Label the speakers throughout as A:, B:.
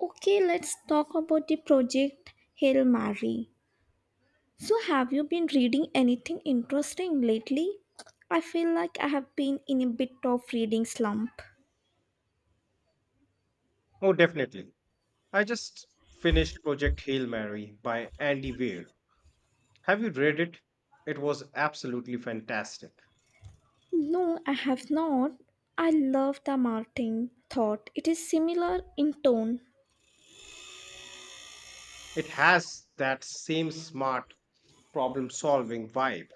A: Okay, let's talk about the project Hail Mary. So, have you been reading anything interesting lately? I feel like I have been in a bit of reading slump.
B: Oh, definitely. I just finished Project Hail Mary by Andy Weir. Have you read it? It was absolutely fantastic.
A: No, I have not. I love the Martin thought. It is similar in tone.
B: It has that same smart problem solving vibe,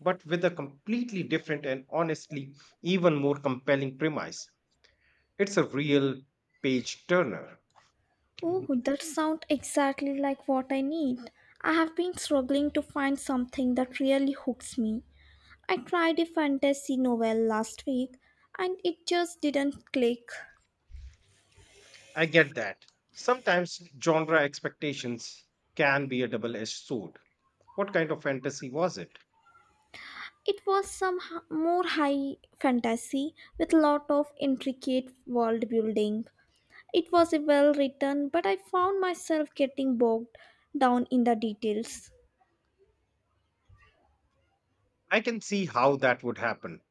B: but with a completely different and honestly even more compelling premise. It's a real page turner.
A: Oh, that sounds exactly like what I need. I have been struggling to find something that really hooks me. I tried a fantasy novel last week and it just didn't click.
B: I get that. Sometimes genre expectations can be a double edged sword. What kind of fantasy was it?
A: It was some more high fantasy with lot of intricate world building. It was a well written, but I found myself getting bogged down in the details.
B: I can see how that would happen.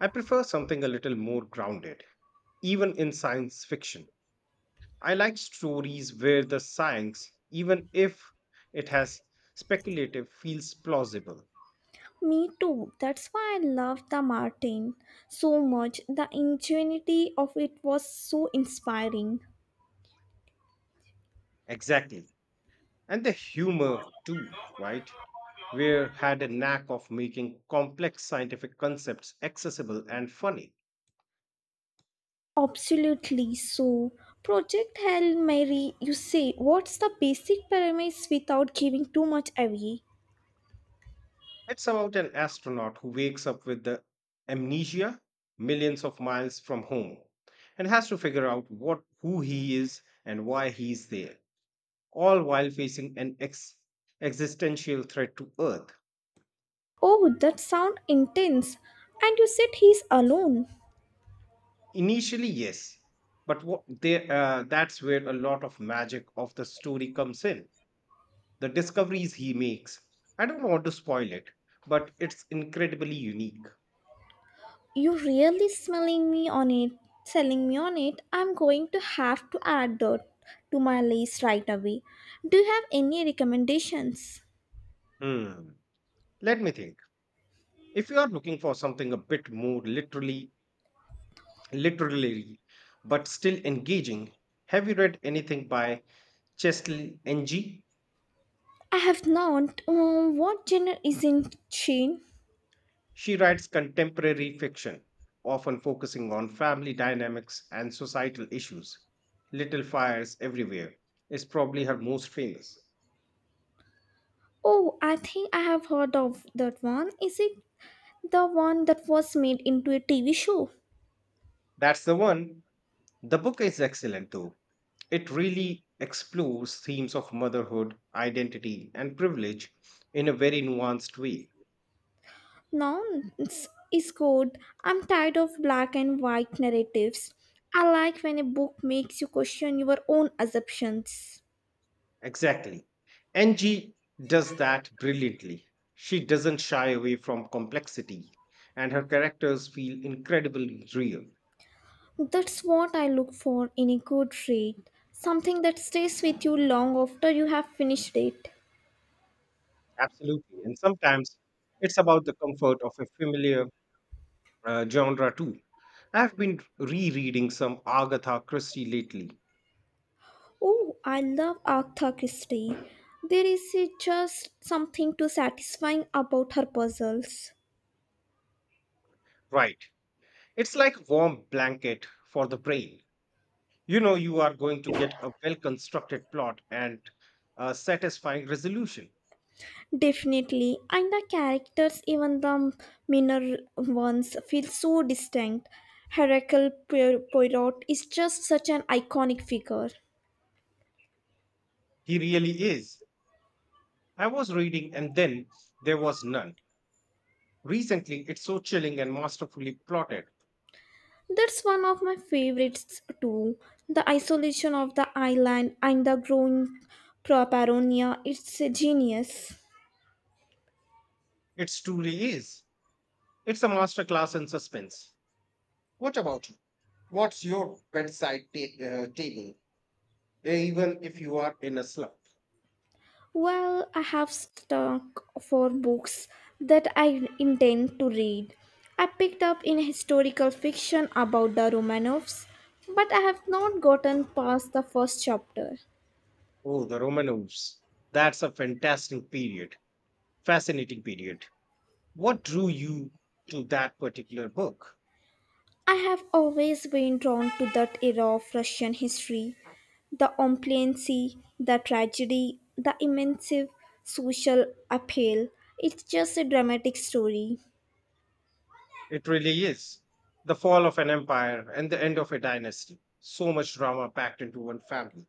B: I prefer something a little more grounded, even in science fiction. I like stories where the science, even if it has speculative, feels plausible.
A: Me too. That's why I loved the Martin so much. The ingenuity of it was so inspiring.
B: Exactly. And the humor, too, right? Where had a knack of making complex scientific concepts accessible and funny.
A: Absolutely. So, Project Hail Mary, you say, what's the basic premise without giving too much away?
B: It's about an astronaut who wakes up with the amnesia millions of miles from home and has to figure out what who he is and why he's there all while facing an existential threat to Earth.
A: Oh, that sound intense. And you said he's alone.
B: Initially, yes, but that's where a lot of magic of the story comes in. The discoveries he makes. I don't want to spoil it, but it's incredibly unique.
A: You really smelling me on it, selling me on it. I'm going to have to add that to my list right away. Do you have any recommendations?
B: Hmm. Let me think. If you are looking for something a bit more literally, but still engaging, have you read anything by Chesley Ng?
A: I have not. What genre is in Sheen?
B: She writes contemporary fiction, often focusing on family dynamics and societal issues. Little Fires Everywhere is probably her most famous.
A: Oh, I think I have heard of that one. Is it the one that was made into a TV show?
B: That's the one. The book is excellent, though. It really explores themes of motherhood, identity, and privilege in a very nuanced way.
A: Nonce is good. I'm tired of black and white narratives. I like when a book makes you question your own assumptions.
B: Exactly. NG does that brilliantly. She doesn't shy away from complexity, and her characters feel incredibly real.
A: That's what I look for in a good read. Something that stays with you long after you have finished it.
B: Absolutely. And sometimes it's about the comfort of a familiar genre too. I've been rereading some Agatha Christie lately.
A: Oh, I love Agatha Christie. There is just something too satisfying about her puzzles.
B: Right. It's like a warm blanket for the brain. You know, you are going to get a well constructed plot and a satisfying resolution.
A: Definitely, and the characters, even the minor ones, feel so distinct. Poirot is just such an iconic figure.
B: He really is. I was reading And Then There Was None recently. It's so chilling and masterfully plotted.
A: That's one of my favorites too. The isolation of the island and the growing paranoia, it's a genius.
B: It truly is. It's a masterclass in suspense. What about you? What's your bedside table, even if you are in a slump?
A: Well, I have stuck for books that I intend to read. I picked up in historical fiction about the Romanovs, but I have not gotten past the first chapter.
B: Oh, the Romanovs. That's a fascinating period. What drew you to that particular book?
A: I have always been drawn to that era of Russian history, the ompliancy, the tragedy, the immense social appeal. It's just a dramatic story.
B: It really is. The fall of an empire and the end of a dynasty. So much drama packed into one family.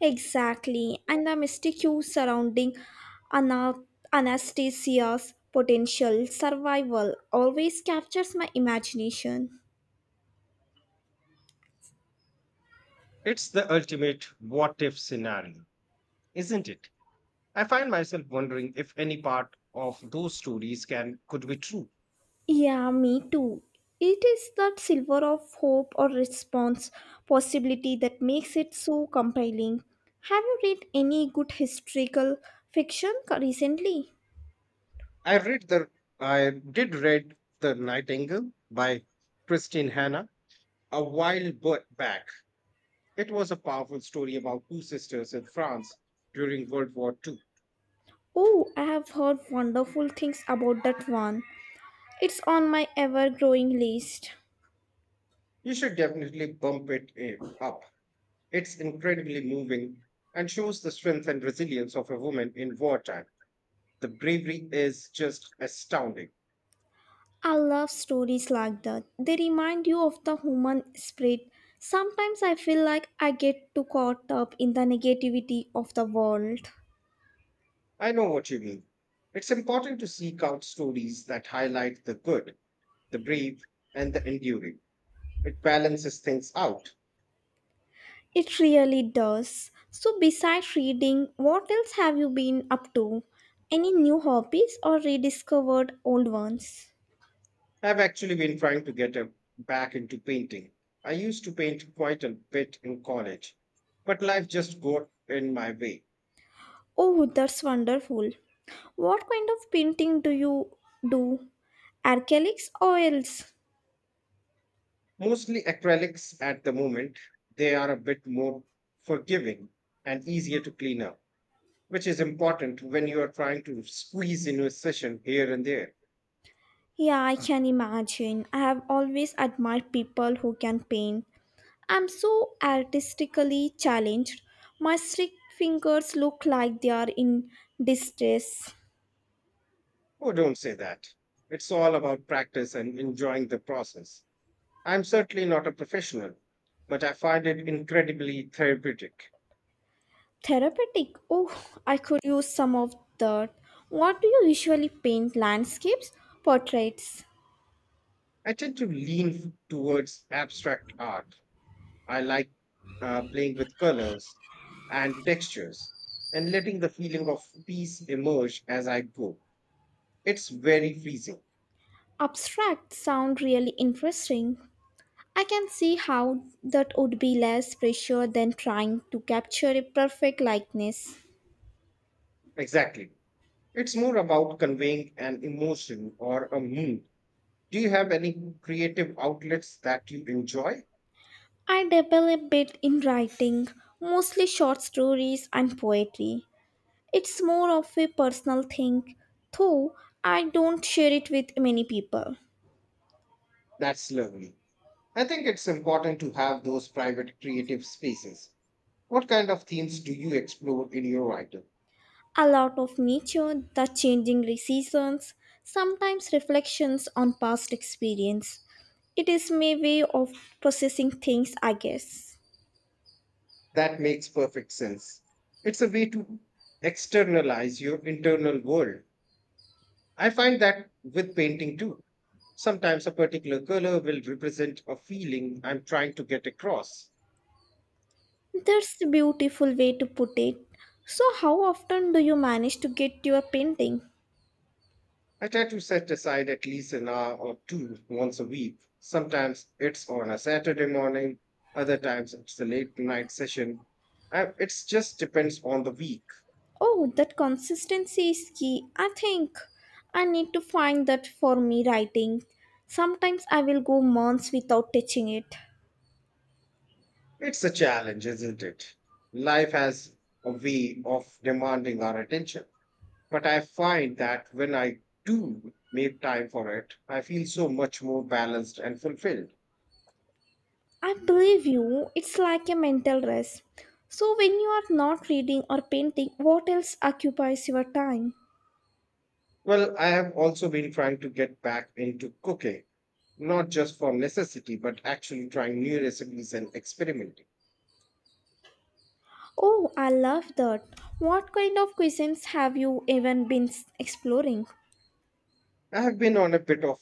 A: Exactly, and the mystique surrounding ana- Anastasia's potential survival always captures my imagination.
B: It's the ultimate what if scenario, isn't it? I find myself wondering if any part of those stories can could be true.
A: Yeah, me too. It is that silver of hope or response possibility that makes it so compelling. Have you read any good historical recently?
B: I read the I did read The Nightingale by Christine Hanna a while back. It was a powerful story about two sisters in France during World War Two.
A: Oh, I have heard wonderful things about that one. It's on my ever growing list.
B: You should definitely bump it up. It's incredibly moving and shows the strength and resilience of a woman in wartime. The bravery is just astounding.
A: I love stories like that. They remind you of the human spirit. Sometimes I feel like I get too caught up in the negativity of the world.
B: I know what you mean. It's important to seek out stories that highlight the good, the brave, and the enduring. It balances things out.
A: It really does. So, besides reading, what else have you been up to? Any new hobbies or rediscovered old ones?
B: I've actually been trying back into painting. I used to paint quite a bit in college, but life just got in my way.
A: Oh, that's wonderful. What kind of painting do you do? Acrylics oils.
B: Mostly acrylics at the moment, they are a bit more forgiving and easier to clean up, which is important when you are trying to squeeze in a session here and there.
A: Yeah, I can imagine. I have always admired people who can paint. I'm so artistically challenged. My stick fingers look like they are in distress.
B: Oh, don't say that. It's all about practice and enjoying the process. I'm certainly not a professional, but I find it incredibly therapeutic.
A: Therapeutic. Oh, I could use some of that. What do you usually paint? Landscapes? Portraits?
B: I tend to towards abstract art. I like playing with colors and textures and letting the feeling of peace emerge as I go. It's very pleasing.
A: Abstract sound really interesting. I can see how that would be less pressure than trying to capture a perfect likeness.
B: Exactly. It's more about conveying an emotion or a mood. Do you have any creative outlets that you enjoy?
A: I dabble a bit in writing, mostly short stories and poetry. It's more of a personal thing, though I don't share it with many people.
B: That's lovely. I think it's important to have those private creative spaces. What kind of themes do you explore in your writing?
A: A lot of nature, the changing seasons, sometimes reflections on past experience. It is my way of processing things, I guess.
B: That makes perfect sense. It's a way to externalize your internal world. I find that with painting too. Sometimes a particular color will represent a feeling I'm trying to get across.
A: That's a beautiful way to put it. So, how often do you manage to get your painting?
B: I try to set aside at least an hour or two once a week. Sometimes it's on a Saturday morning, other times it's a late night session. It just depends on the week.
A: Oh, that consistency is key. I think I need to find that for me writing. Sometimes I will go months without touching it.
B: It's a challenge, isn't it? Life has a way of demanding our attention. But I find that when I do make time for it, I feel so much more balanced and fulfilled.
A: I believe you, it's like a mental rest. So, when you are not reading or painting, what else occupies your time?
B: Well, I have also been trying to get back into cooking, not just for necessity, but actually trying new recipes and experimenting.
A: Oh, I love that. What kind of cuisines have you even been exploring?
B: I have been on a bit of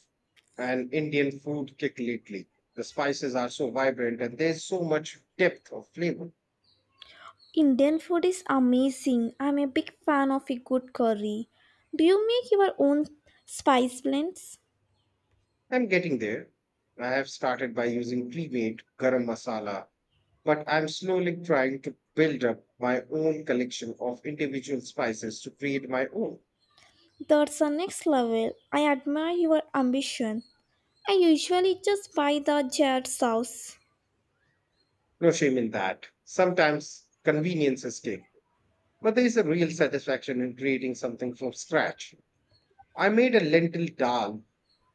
B: an Indian food kick lately. The spices are so vibrant and there's so much depth of flavor.
A: Indian food is amazing. I'm a big fan of a good curry. Do you make your own spice blends?
B: I'm getting there. I have started by using pre-made garam masala, but I'm slowly trying to build up my own collection of individual spices to create my own.
A: That's the next level. I admire your ambition. I usually just buy the jar sauce.
B: No shame in that. Sometimes convenience is king. But there is a real satisfaction in creating something from scratch. I made a lentil dal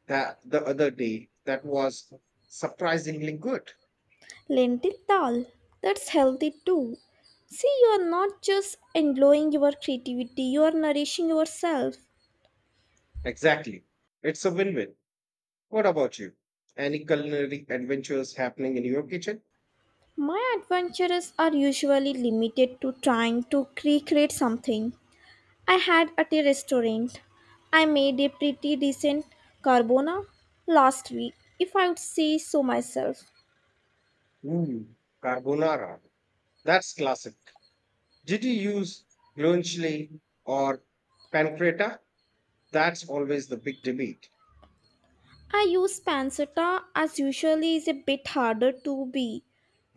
B: that the other day that was surprisingly good.
A: Lentil dal. That's healthy too. See, you are not just enjoying your creativity, you are nourishing yourself.
B: Exactly. It's a win win. What about you? Any culinary adventures happening in your kitchen?
A: My adventures are usually limited to trying to recreate something I had at a restaurant. I made a pretty decent carbona last week, if I would say so myself.
B: Ooh, carbonara. That's classic. Did you use guanciale or pancreta? That's always the big debate.
A: I use pancetta as usually is a bit harder to be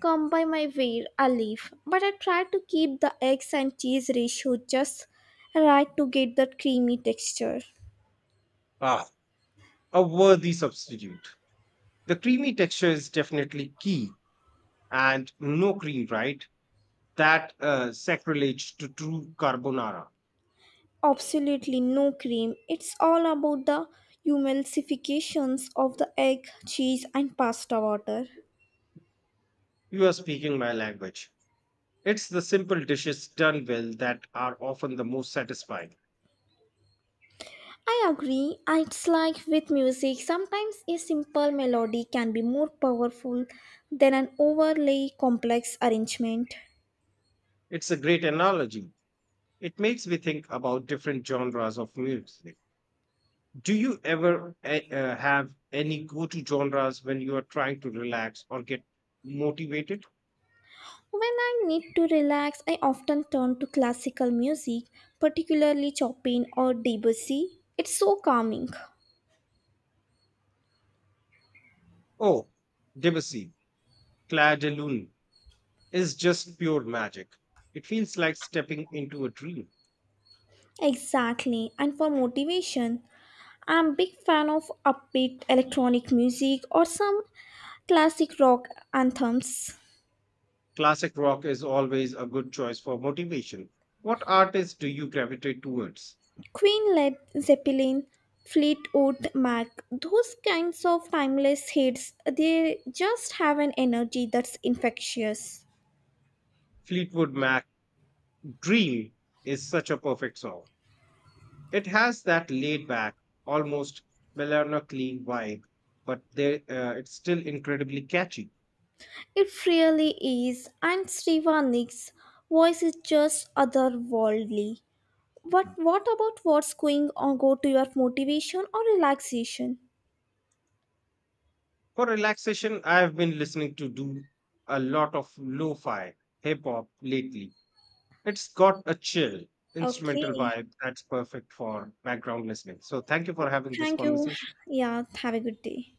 A: come by my way a leaf, but I try to keep the eggs and cheese ratio just right to get that creamy texture.
B: Ah, a worthy substitute. The creamy texture is definitely key and no cream, right? That sacrilege to true carbonara.
A: Absolutely no cream. It's all about the emulsifications of the egg, cheese and pasta water.
B: You are speaking my language. It's the simple dishes done well that are often the most satisfying.
A: I agree. It's like with music, sometimes a simple melody can be more powerful than an overly complex arrangement.
B: It's a great analogy. It makes me think about different genres of music. Do you ever have any go to genres when you are trying to relax or get motivated?
A: When I need to relax, I often turn to classical music, particularly Chopin or Debussy. It's so calming.
B: Oh, Debussy, Clair de Lune is just pure magic. It feels like stepping into a dream.
A: Exactly. And for motivation, I'm a big fan of upbeat electronic music or some classic rock anthems.
B: Classic rock is always a good choice for motivation. What artist do you gravitate towards?
A: Queen Led Zeppelin, Fleetwood Mac, those kinds of timeless hits, they just have an energy that's infectious.
B: Fleetwood Mac Dream is such a perfect song. It has that laid back, almost melancholy vibe, but it's still incredibly catchy.
A: It really is, and Steva voice is just otherworldly. But what about what's going on? Go to your motivation or relaxation.
B: For relaxation, I've been listening to do a lot of lo fi hip hop lately. It's got a chill instrumental
A: Okay,
B: vibe that's perfect for background listening. So, thank you for having this
A: thank you.
B: conversation.
A: Yeah, have a good day.